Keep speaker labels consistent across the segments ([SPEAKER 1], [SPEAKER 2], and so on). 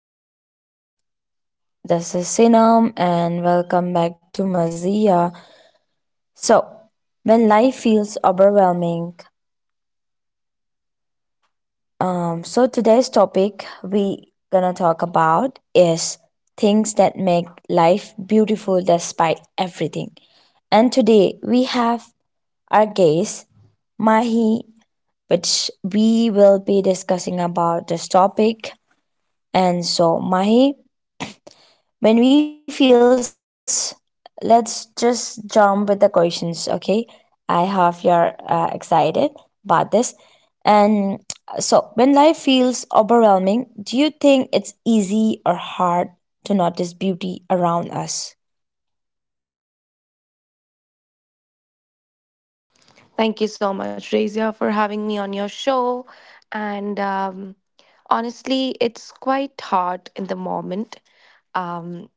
[SPEAKER 1] This is Sinam and welcome back to Mazia. So when life feels overwhelming, today's topic we gonna talk about is things that make life beautiful despite everything. And today we have our guest Mahi, which we will be discussing about this topic. And so Mahi, When we feels, let's just jump with the questions, okay? I hope you're excited about this. And when life feels overwhelming, do you think it's easy or hard to notice beauty around us?
[SPEAKER 2] Thank you so much, Razia, for having me on your show. And Honestly, it's quite hard in the moment. Um,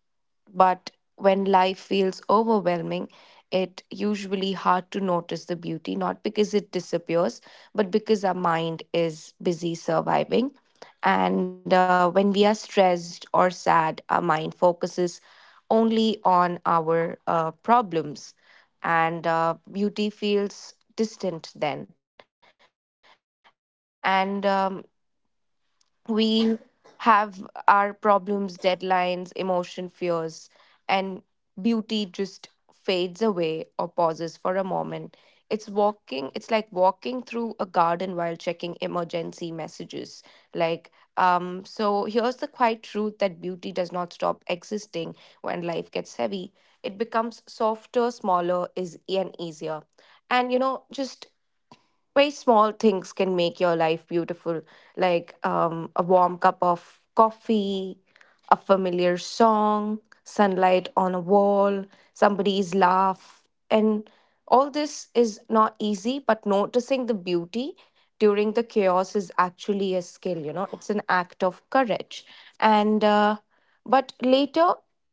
[SPEAKER 2] but when life feels overwhelming, it usually hard to notice the beauty, not because it disappears, but because our mind is busy surviving. And When we are stressed or sad, our mind focuses only on our problems, and beauty feels distant then. And We have our problems, deadlines, emotion, fears, and beauty just fades away or pauses for a moment. It's like walking through a garden while checking emergency messages. Like, so here's the quiet truth that beauty does not stop existing when life gets heavy. It becomes softer, smaller, is and easier. And you know, just very small things can make your life beautiful, like a warm cup of coffee, a familiar song, sunlight on a wall, somebody's laugh. And all this is not easy, but noticing the beauty during the chaos is actually a skill, you know, it's an act of courage. And But later,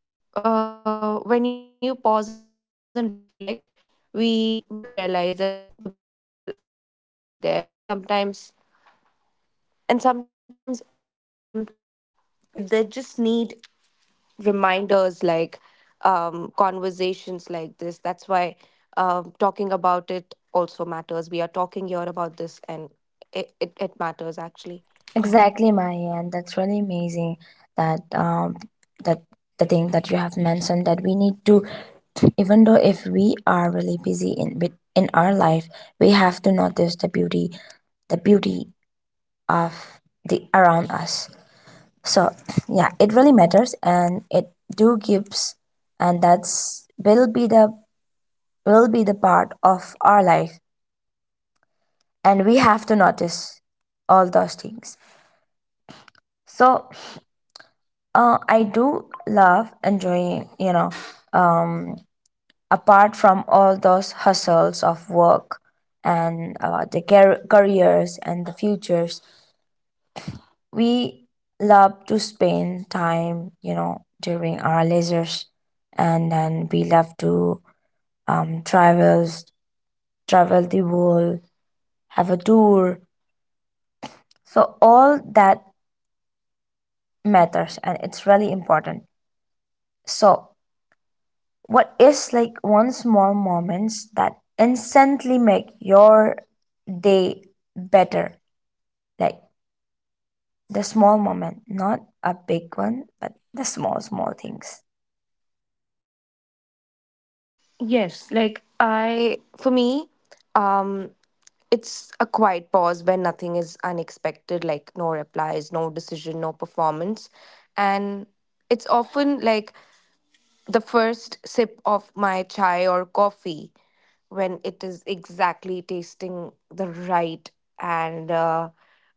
[SPEAKER 2] when you pause and reflect, we will realize that the beauty will always be there. And sometimes and sometimes in um they just need reminders, like conversations like this. That's why talking about it also matters. We are talking here about this, and it matters actually.
[SPEAKER 1] Exactly, Maya, and that's really amazing that that the thing that you have mentioned that we need to, even though if we are really busy in our life, we have to notice the beauty of the around us. So yeah, it really matters, and it do gives and that's will be the part of our life, and we have to notice all those things. So I do love enjoying, you know, apart from all those hustles of work and the careers and the futures. We love to spend time, you know, during our leisures, and then we love to travel, travel the world, have a tour. So all that matters, and it's really important. So, what is like one small moments that instantly make your day better? Like the small moment, not a big one, but the small small things.
[SPEAKER 2] Yes, like, I for me um it's a quiet pause when nothing is unexpected, like no replies, no decision, no performance. And it's often like the first sip of my chai or coffee, when it is exactly tasting the right. and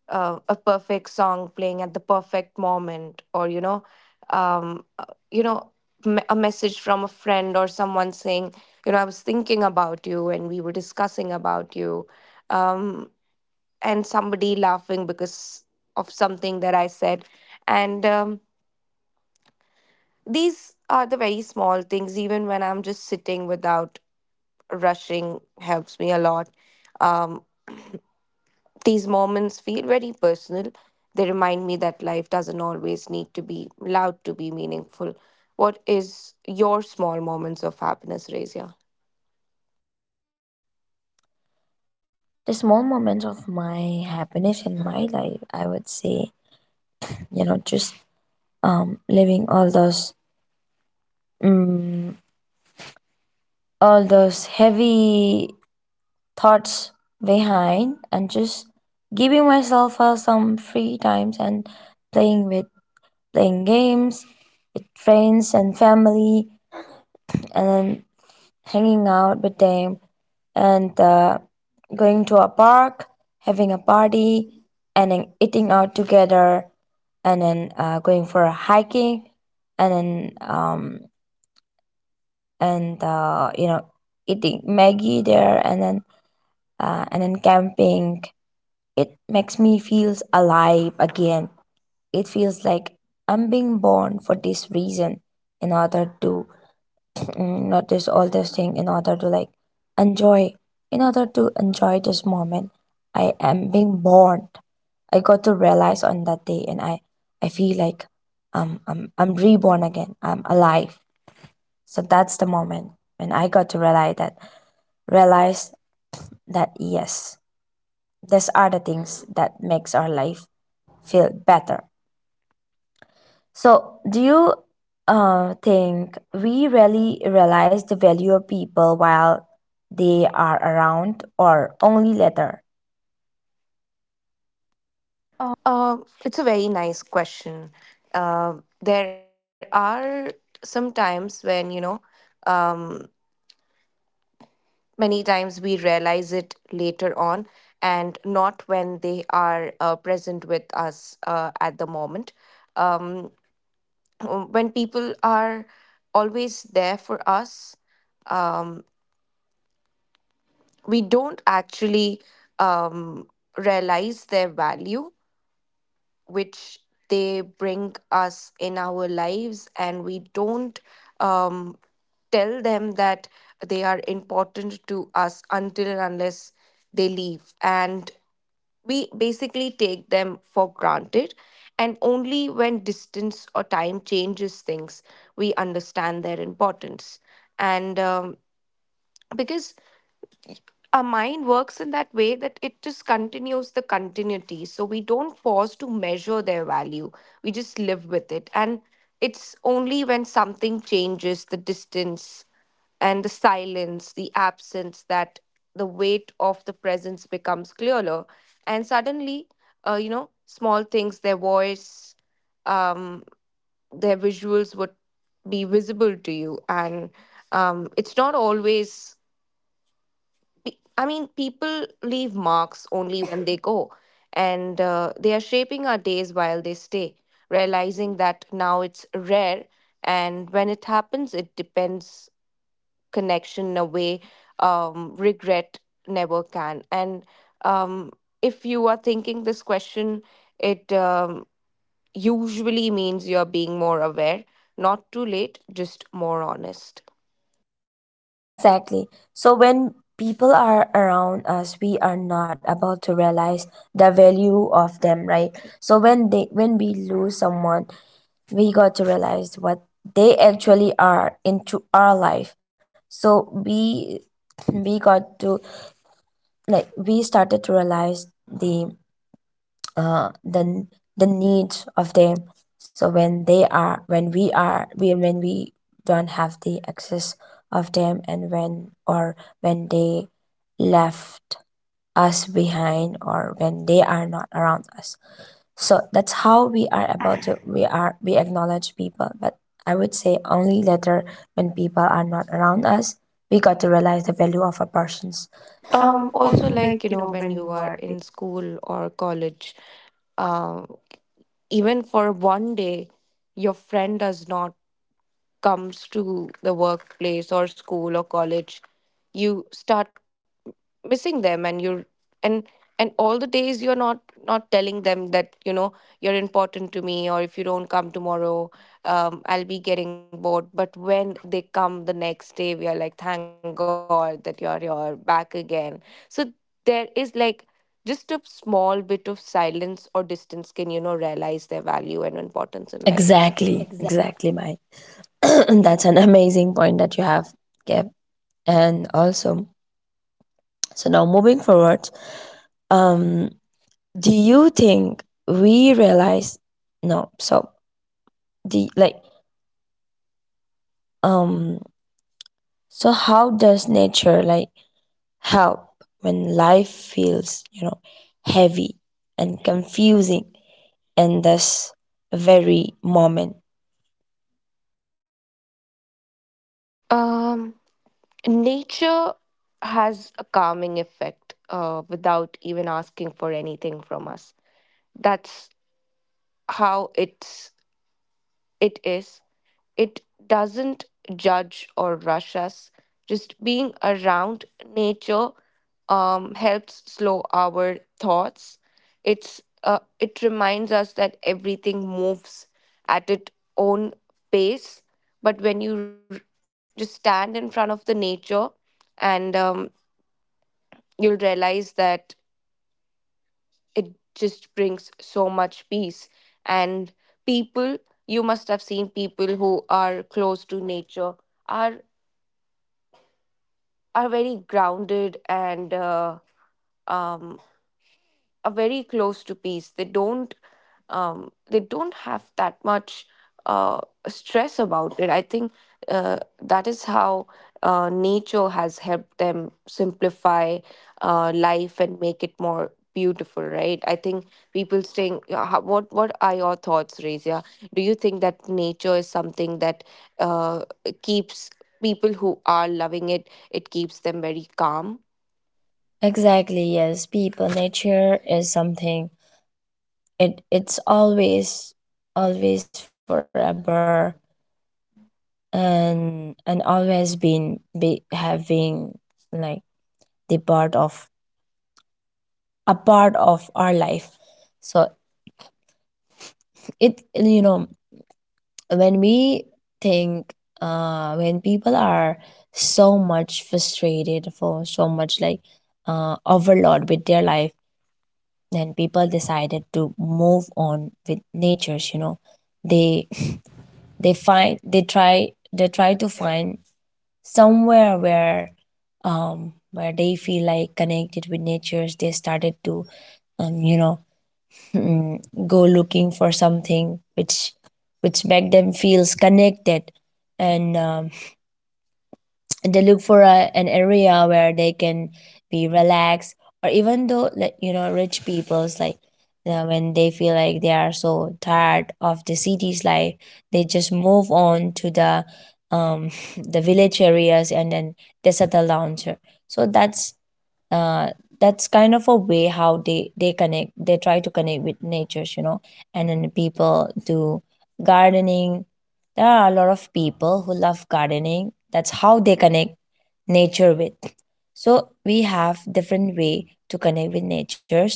[SPEAKER 2] A perfect song playing at the perfect moment, or you know, um, uh, you know a message from a friend or someone saying, you know, I was thinking about you and we were discussing about you. um, and somebody laughing because of something that I said. And These are the very small things. Even when I'm just sitting without rushing, helps me a lot. Um, these moments feel very personal. They remind me that life doesn't always need to be loud to be meaningful. What is your small moments of happiness, Razia?
[SPEAKER 1] The small moments of my happiness in my life, I would say, you know, just living all those, um, all those heavy thoughts behind, and just giving myself some free times and playing with playing games with friends and family, and then hanging out with them, and going to a park, having a party, and then eating out together, and then going for a hiking, and then um, and you know, eating Maggie there, and then camping. It makes me feels alive again. It feels like I'm being born for this reason, in order to, notice all these things, in order to like enjoy, in order to enjoy this moment I am being born. I got to realize on that day, and I feel like I'm reborn again, I'm alive. So that's the moment when I got to realize that, realize that yes, these are the things that makes our life feel better. So, do you think we really realize the value of people while they are around or only later? Oh.
[SPEAKER 2] It's a very nice question. There are some times when, you know, um, many times we realize it later on and not when they are present with us at the moment. um, when people are always there for us, we don't actually um, realize their value which they bring us in our lives, and we don't um, tell them that they are important to us until and unless they leave, and we basically take them for granted. And only when distance or time changes things, we understand their importance. And Because our mind works in that way that it just continues the continuity. So we don't pause to measure their value. We just live with it. And it's only when something changes, the distance and the silence, the absence, that the weight of the presence becomes clearer. And suddenly, you know, small things, their voice, um, their visuals would be visible to you. And it's not always I mean, people leave marks only when they go, and they are shaping our days while they stay. Realizing that now it's rare, and when it happens, it depends, connection away, regret never can. And um, if you are thinking this question, it usually means you're being more aware, not too late, just more honest.
[SPEAKER 1] Exactly. So, when people are around us, we are not about to realize the value of them, right? So, when we lose someone, we got to realize what they actually are into our life. So, we got to like we started to realize the uh, the the needs of them. So when they are, when we are, we when we don't have the access of them, and when, or when they left us behind, or when they are not around us. So that's how we are about to we are we acknowledge people, but I would say only later when people are not around us, we got to realize the value of a person's.
[SPEAKER 2] Also,
[SPEAKER 1] Also,
[SPEAKER 2] like,
[SPEAKER 1] like,
[SPEAKER 2] you
[SPEAKER 1] you
[SPEAKER 2] know,
[SPEAKER 1] know,
[SPEAKER 2] when
[SPEAKER 1] when
[SPEAKER 2] you
[SPEAKER 1] you
[SPEAKER 2] are
[SPEAKER 1] are.
[SPEAKER 2] in school or college, um, even for one day, your friend does not comes to the workplace or school or college, you start missing them. And you're, and and all the days you're not not telling them that, you know, you're important to me, or if you don't come tomorrow, I'll be getting bored. But when they come the next day, we are like, thank god that you're back again. So there is like just a small bit of silence or distance can, you know, realize their value and importance in life.
[SPEAKER 1] Exactly, exactly, Maya. That's an amazing point that you have, Kev. And also, so now moving forward, um, do you think we realize? No, so the like, um, so how does nature like help when life feels, you know, heavy and confusing in this very moment?
[SPEAKER 2] um Nature has a calming effect without even asking for anything from us. That's how it's, it is, it doesn't judge or rush us. Just being around nature helps slow our thoughts. It reminds us that everything moves at its own pace. But when just stand in front of the nature, and you'll realize that it just brings so much peace. And people, you must have seen people who are close to nature are are very grounded and um, are very close to peace. They don't have that much uh, stress about it. I think that is how nature has helped them simplify life and make it more beautiful, right? I think people staying. Yeah, what are your thoughts, Razia? Do you think that nature is something that uh, keeps people who are loving it? It keeps them very calm.
[SPEAKER 1] Exactly. Yes, people. Nature is something. It's always, always forever, and always been be having like the part of a part of our life. So, it, you know, when we think, when people are so much frustrated, for so much like overload with their life, then people decided to move on with natures, you know. they they find they try they try to find somewhere where, where they feel like connected with nature. They started to, um you know mm, go looking for something which, make them feels connected. And they look for a, an area where they can be relaxed. Or even though, like, you know, rich people's, like, you know, when they feel like they are so tired of the city's life, they just move on to the um the village areas, and then they settle down here. So uh, that's kind of a way how they connect they try to connect with natures, you know. And then people do gardening. There are a lot of people who love gardening. That's how they connect nature with. So we have different way to connect with natures.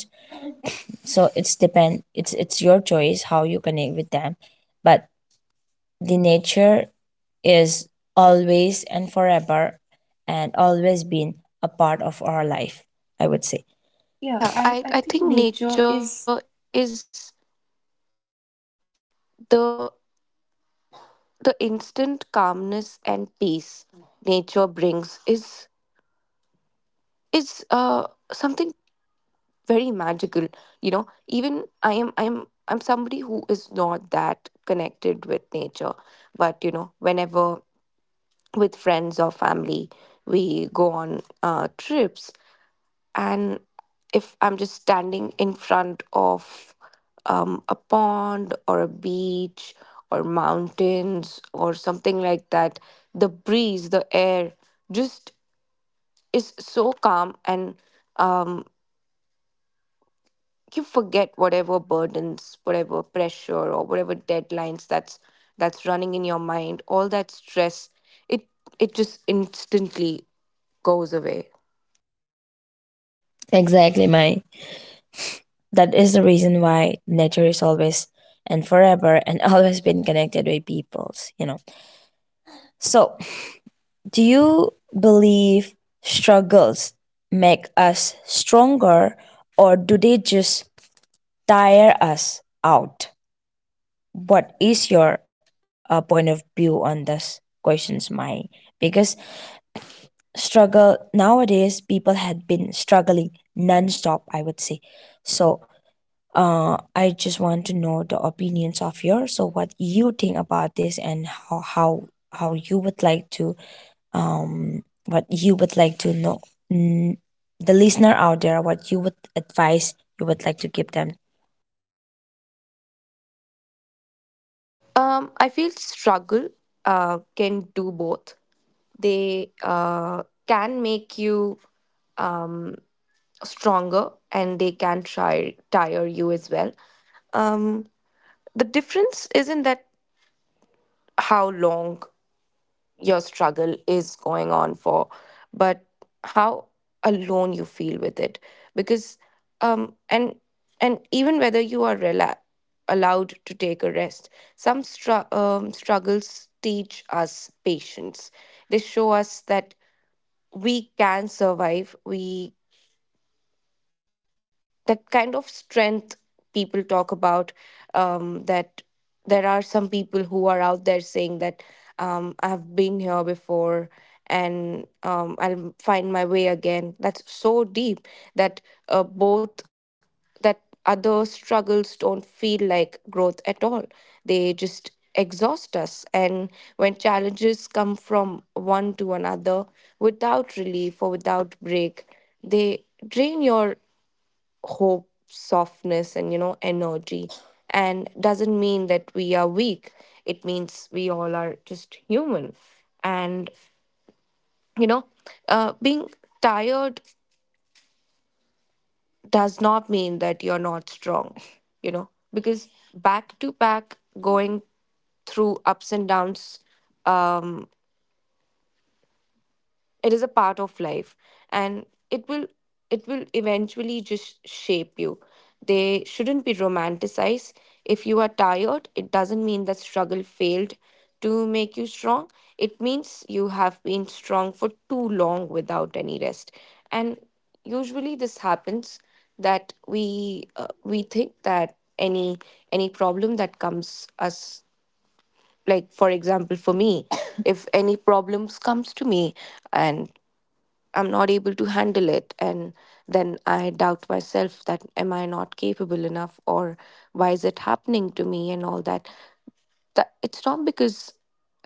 [SPEAKER 1] So it's depend it's your choice how you connect with them. But the nature is always and forever, and always been a part of our life, I would say.
[SPEAKER 2] Yeah, I think nature is the the instant calmness and peace nature brings is, is something very magical. You know, even I'm somebody who is not that connected with nature, but you know, whenever with friends or family we go on trips, and if I'm just standing in front of a pond or a beach or mountains or something like that, the breeze, the air, just is so calm. And um, you forget whatever burdens, whatever pressure or whatever deadlines that's running in your mind, all that stress, it it just instantly goes away.
[SPEAKER 1] Exactly, my. That is the reason why nature is always and forever, and always been connected with peoples, you know. So, do you believe struggles make us stronger, or do they just tire us out? What is your point of view on this questions, my? Because struggle nowadays, people had been struggling non-stop, I would say. So, I just want to know the opinions of yours. So, what you think about this, and how you would like to, what you would like to know, mm, the listener out there, what you would advise you would like to give them.
[SPEAKER 2] I feel struggle can do both. They can make you um, stronger, and they can try tire you as well. um, the difference isn't that how long your struggle is going on for, but how alone you feel with it. Because um, and and even whether you are allowed to take a rest, some struggles teach us patience. They show us that we can survive, we, that kind of strength people talk about, that there are some people who are out there saying that, I've been here before, and I'll find my way again. That's so deep, that both, that other struggles don't feel like growth at all. They just exhaust us. And when challenges come from one to another without relief or without break, they drain your hope, softness, and, you know, energy. And doesn't mean that we are weak. It means we all are just human. And you know, being tired does not mean that you're not strong, you know, because back to back going through ups and downs, um it is a part of life, and it will, it will eventually just shape you. They shouldn't be romanticized. If you are tired, it doesn't mean that struggle failed to make you strong. It means you have been strong for too long without any rest. And usually this happens, that we think that any problem that comes us, like for example for me, if any problems comes to me, and I'm not able to handle it. And then I doubt myself, that am I not capable enough, or why is it happening to me, and all that. That it's not because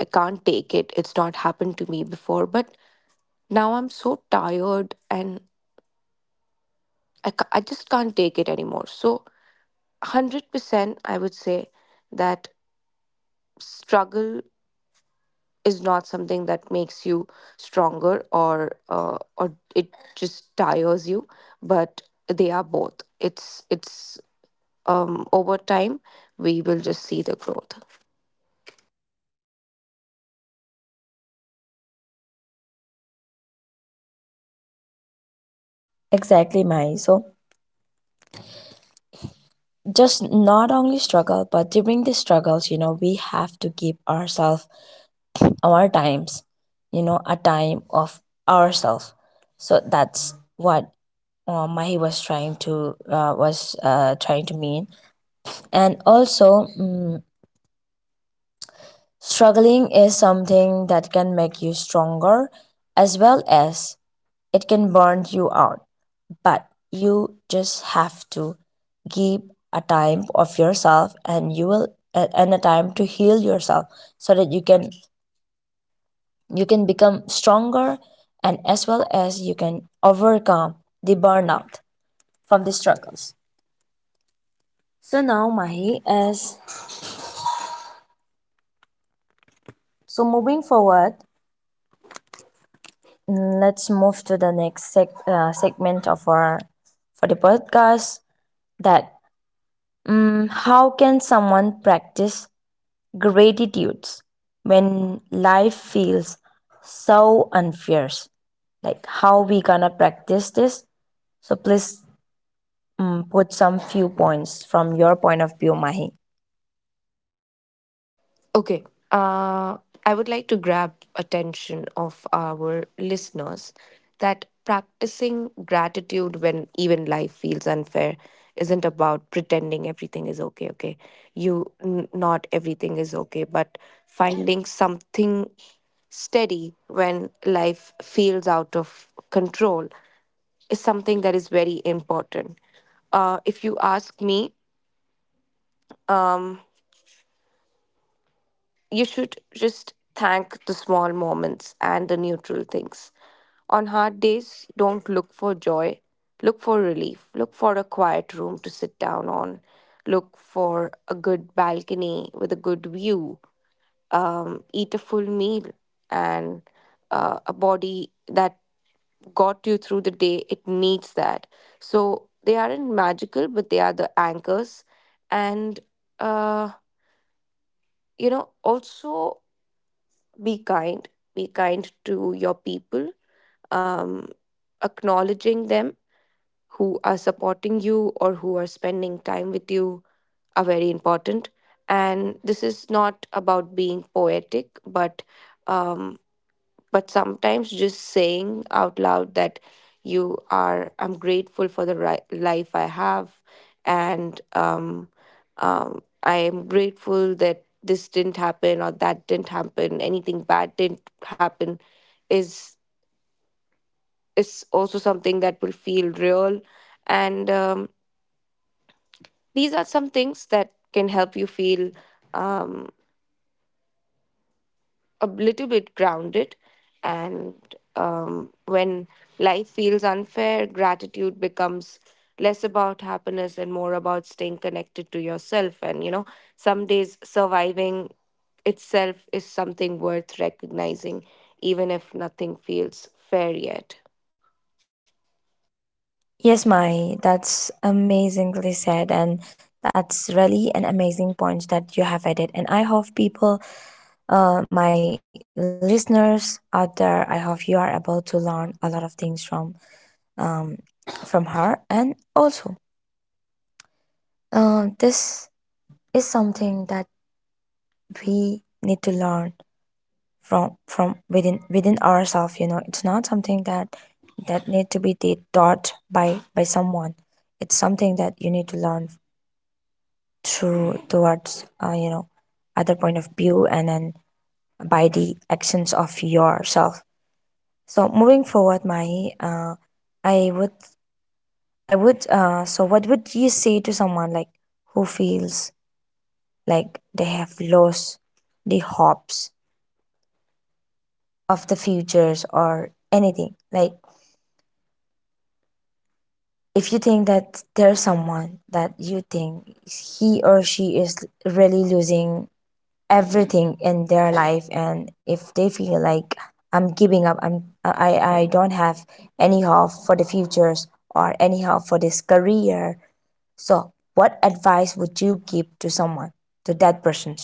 [SPEAKER 2] I can't take it. It's not happened to me before, but now I'm so tired, and I just can't take it anymore. So 100% I would say that struggle is not something that makes you stronger or it just tires you, but they are both. It's over time we will just see the growth.
[SPEAKER 1] Exactly, Mai. So, just not only struggle, but during the struggles, you know, we have to give ourselves our times, you know, a time of ourselves. So that's what, what he was trying to mean. And also, struggling is something that can make you stronger, as well as it can burn you out. But you just have to give a time of yourself, and and a time to heal yourself, so that you can, you can become stronger, and as well as you can overcome the burnout from the struggles. So now mahi as So moving forward, let's move to the next segment of our for the podcast. That, how can someone practice gratitudes when life feels so unfair? Like, how we gonna practice this? So please, put some few points from your point of view, Mahi.
[SPEAKER 2] Okay. Uh, I would like to grab attention of our listeners that practicing gratitude when even life feels unfair isn't about pretending everything is okay. Okay, you not everything is okay, but finding something steady when life feels out of control is something that is very important. If you ask me, you should just thank the small moments and the neutral things. On hard days, don't look for joy. Look for relief. Look for a quiet room to sit down on. Look for a good balcony with a good view. Eat a full meal, and a body that got you through the day. It needs that. So they aren't magical, but they are the anchors. And, uh, also, be kind, be kind to your people, um, acknowledging them who are supporting you or who are spending time with you are very important. And this is not about being poetic, um, but sometimes just saying out loud that you are I'm grateful for the life I have, and I am grateful that this didn't happen or that didn't happen, anything bad didn't happen is is also something that will feel real. And These are some things that can help you feel um, a little bit grounded. And When life feels unfair, gratitude becomes less about happiness and more about staying connected to yourself. And, you know, some days surviving itself is something worth recognizing, even if nothing feels fair yet.
[SPEAKER 1] Yes, Mahi, that's amazingly said, and that's really an amazing point that you have added. And I hope people, my listeners out there, I hope you are able to learn a lot of things from her. And also, this is something that we need to learn from, within, ourselves. You know, it's not something that, need to be taught by, someone. It's something that you need to learn through towards, you know, other point of view, and then by the actions of yourself. So moving forward, Mahi, I would, I would. So what would you say to someone like who feels like they have lost the hopes of the futures or anything? Like, if you think that there's someone that you think he or she is really losing everything in their life, and if they feel like I'm giving up, I don't have any hope for the futures or any hope for this career. So, what advice would you give to someone, to that person?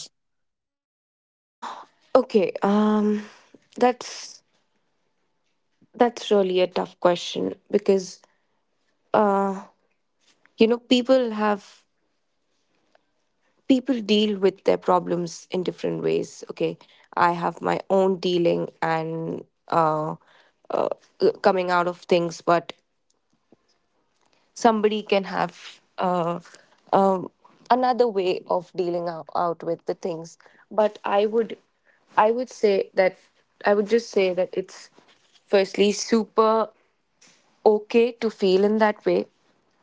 [SPEAKER 2] Okay. That's that's really a tough question because uh, you know, people have, people deal with their problems in different ways. Okay, I have my own dealing and uh, coming out of things, but somebody can have um, another way of dealing out, out with the things. But I would say that, I would just say that it's firstly super okay to feel in that way.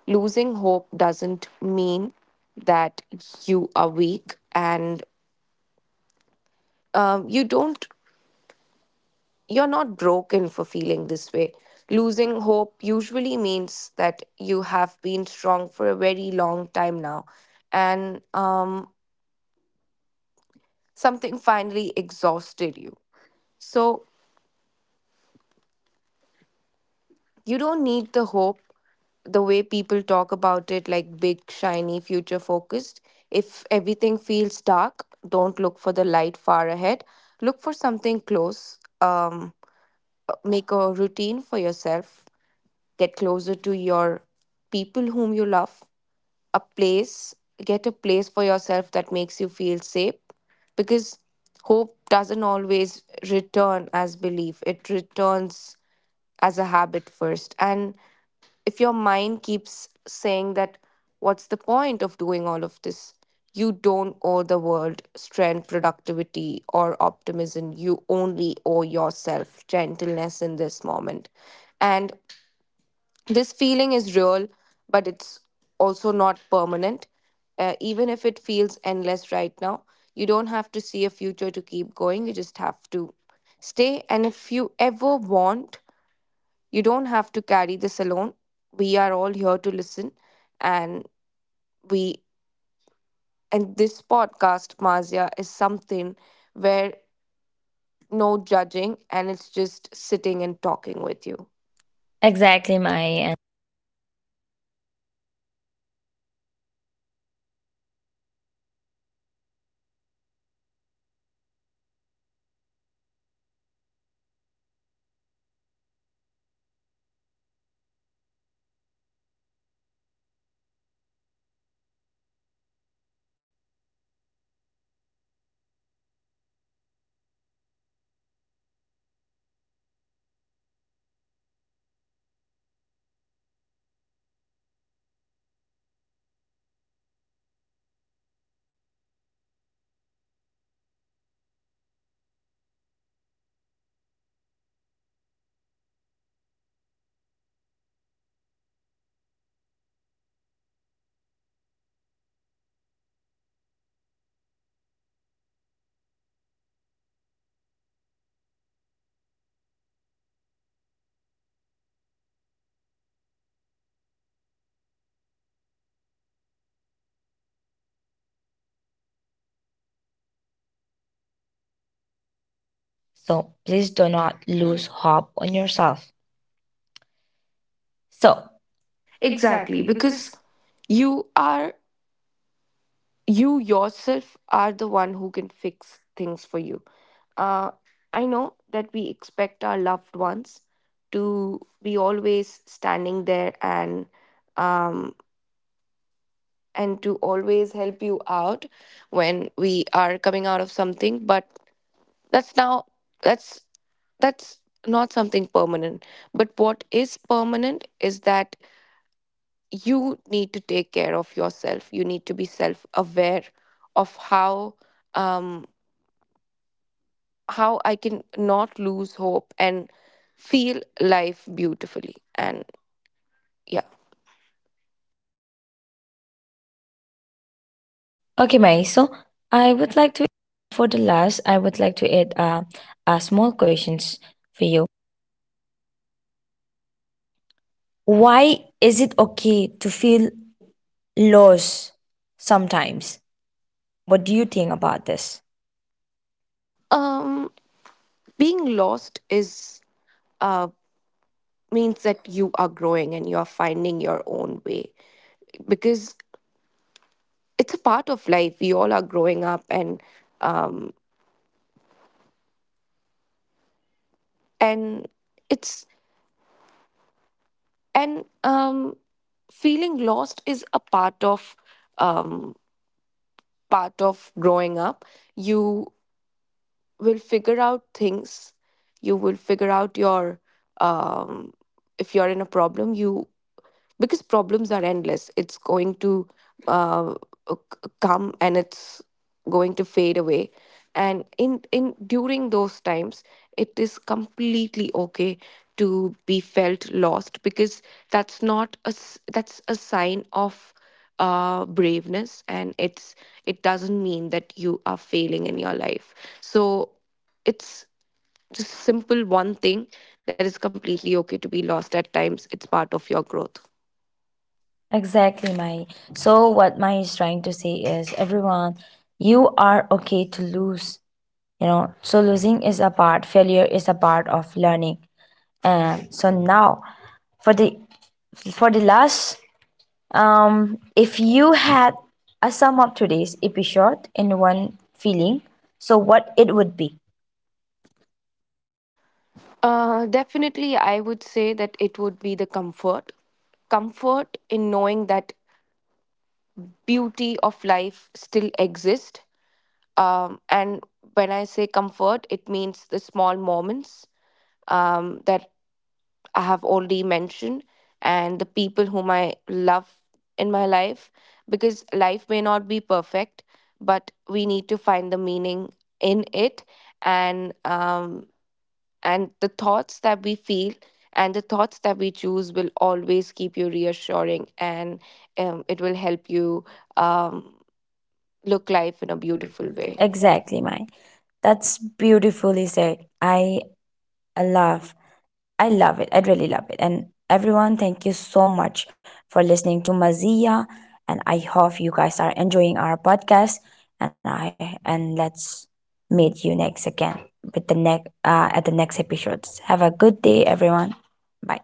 [SPEAKER 2] Losing hope doesn't mean that you are weak, and you don't, you're not broken for feeling this way. Losing hope usually means that you have been strong for a very long time now, and something finally exhausted you. So you don't need the hope the way people talk about it, like big shiny future focused. If everything feels dark, don't look for the light far ahead, look for something close. Make a routine for yourself, get closer to your people whom you love. A place, get a place for yourself that makes you feel safe, because hope doesn't always return as belief, it returns as a habit first. And if your mind keeps saying that what's the point of doing all of this, you don't owe the world strength, productivity or optimism, you only owe yourself gentleness in this moment. And this feeling is real, but it's also not permanent. Even if it feels endless right now, you don't have to see a future to keep going. You just have to stay. And if you ever want, you don't have to carry this alone. We are all here to listen, and we and this podcast, Mazia, is something where no judging, and it's just sitting and talking with you.
[SPEAKER 1] Exactly, Mai. And so, please do not lose hope on yourself. So,
[SPEAKER 2] Exactly, because you are you yourself are the one who can fix things for you. Uh, I know that we expect our loved ones to be always standing there um, and to always help you out when we are coming out of something, but that's now that's that's not something permanent. But what is permanent is that you need to take care of yourself. You need to be self aware of how. Um, how I can not lose hope and feel life beautifully. And yeah.
[SPEAKER 1] okay, Mai. So, I would like to, for the last, I would like to add a small questions for you. Why is it okay to feel lost sometimes? What do you think about this?
[SPEAKER 2] um, Being lost is, uh, means that you are growing and you're finding your own way, because it's a part of life. We all are growing up, um, and it's and feeling lost is a part of, um, part of growing up. You will figure out things, you will figure out your um, if you're in a problem, you, because problems are endless, it's going to uh, come, and it's going to fade away. And in during those times it is completely okay to be felt lost, because that's not a that's a sign of braveness, and it's, it doesn't mean that you are failing in your life. So it's just simple one thing, that is completely okay to be lost at times, it's part of your growth.
[SPEAKER 1] Exactly, Mai. So, what Mai is trying to say is, everyone, you are okay to lose, you know. So losing is a part, failure is a part of learning. And so now, for the for the last, um if you had a sum up today's episode in one feeling, so what it would be.
[SPEAKER 2] Definitely, I would say that it would be the comfort. Comfort in knowing that beauty of life still exists. And when I say comfort, it means the small moments that I have already mentioned, and the people whom I love in my life. Because life may not be perfect, but we need to find the meaning in it. And um, And the thoughts that we feel and the thoughts that we choose will always keep you reassuring, and it will help you um, look life in a beautiful way.
[SPEAKER 1] Exactly, mine. That's beautifully said. I love I love it. I really love it. And everyone, thank you so much for listening to Mazia. And I hope you guys are enjoying our podcast. And let's meet you next again with the next at the next episodes. Have a good day, everyone. Bye.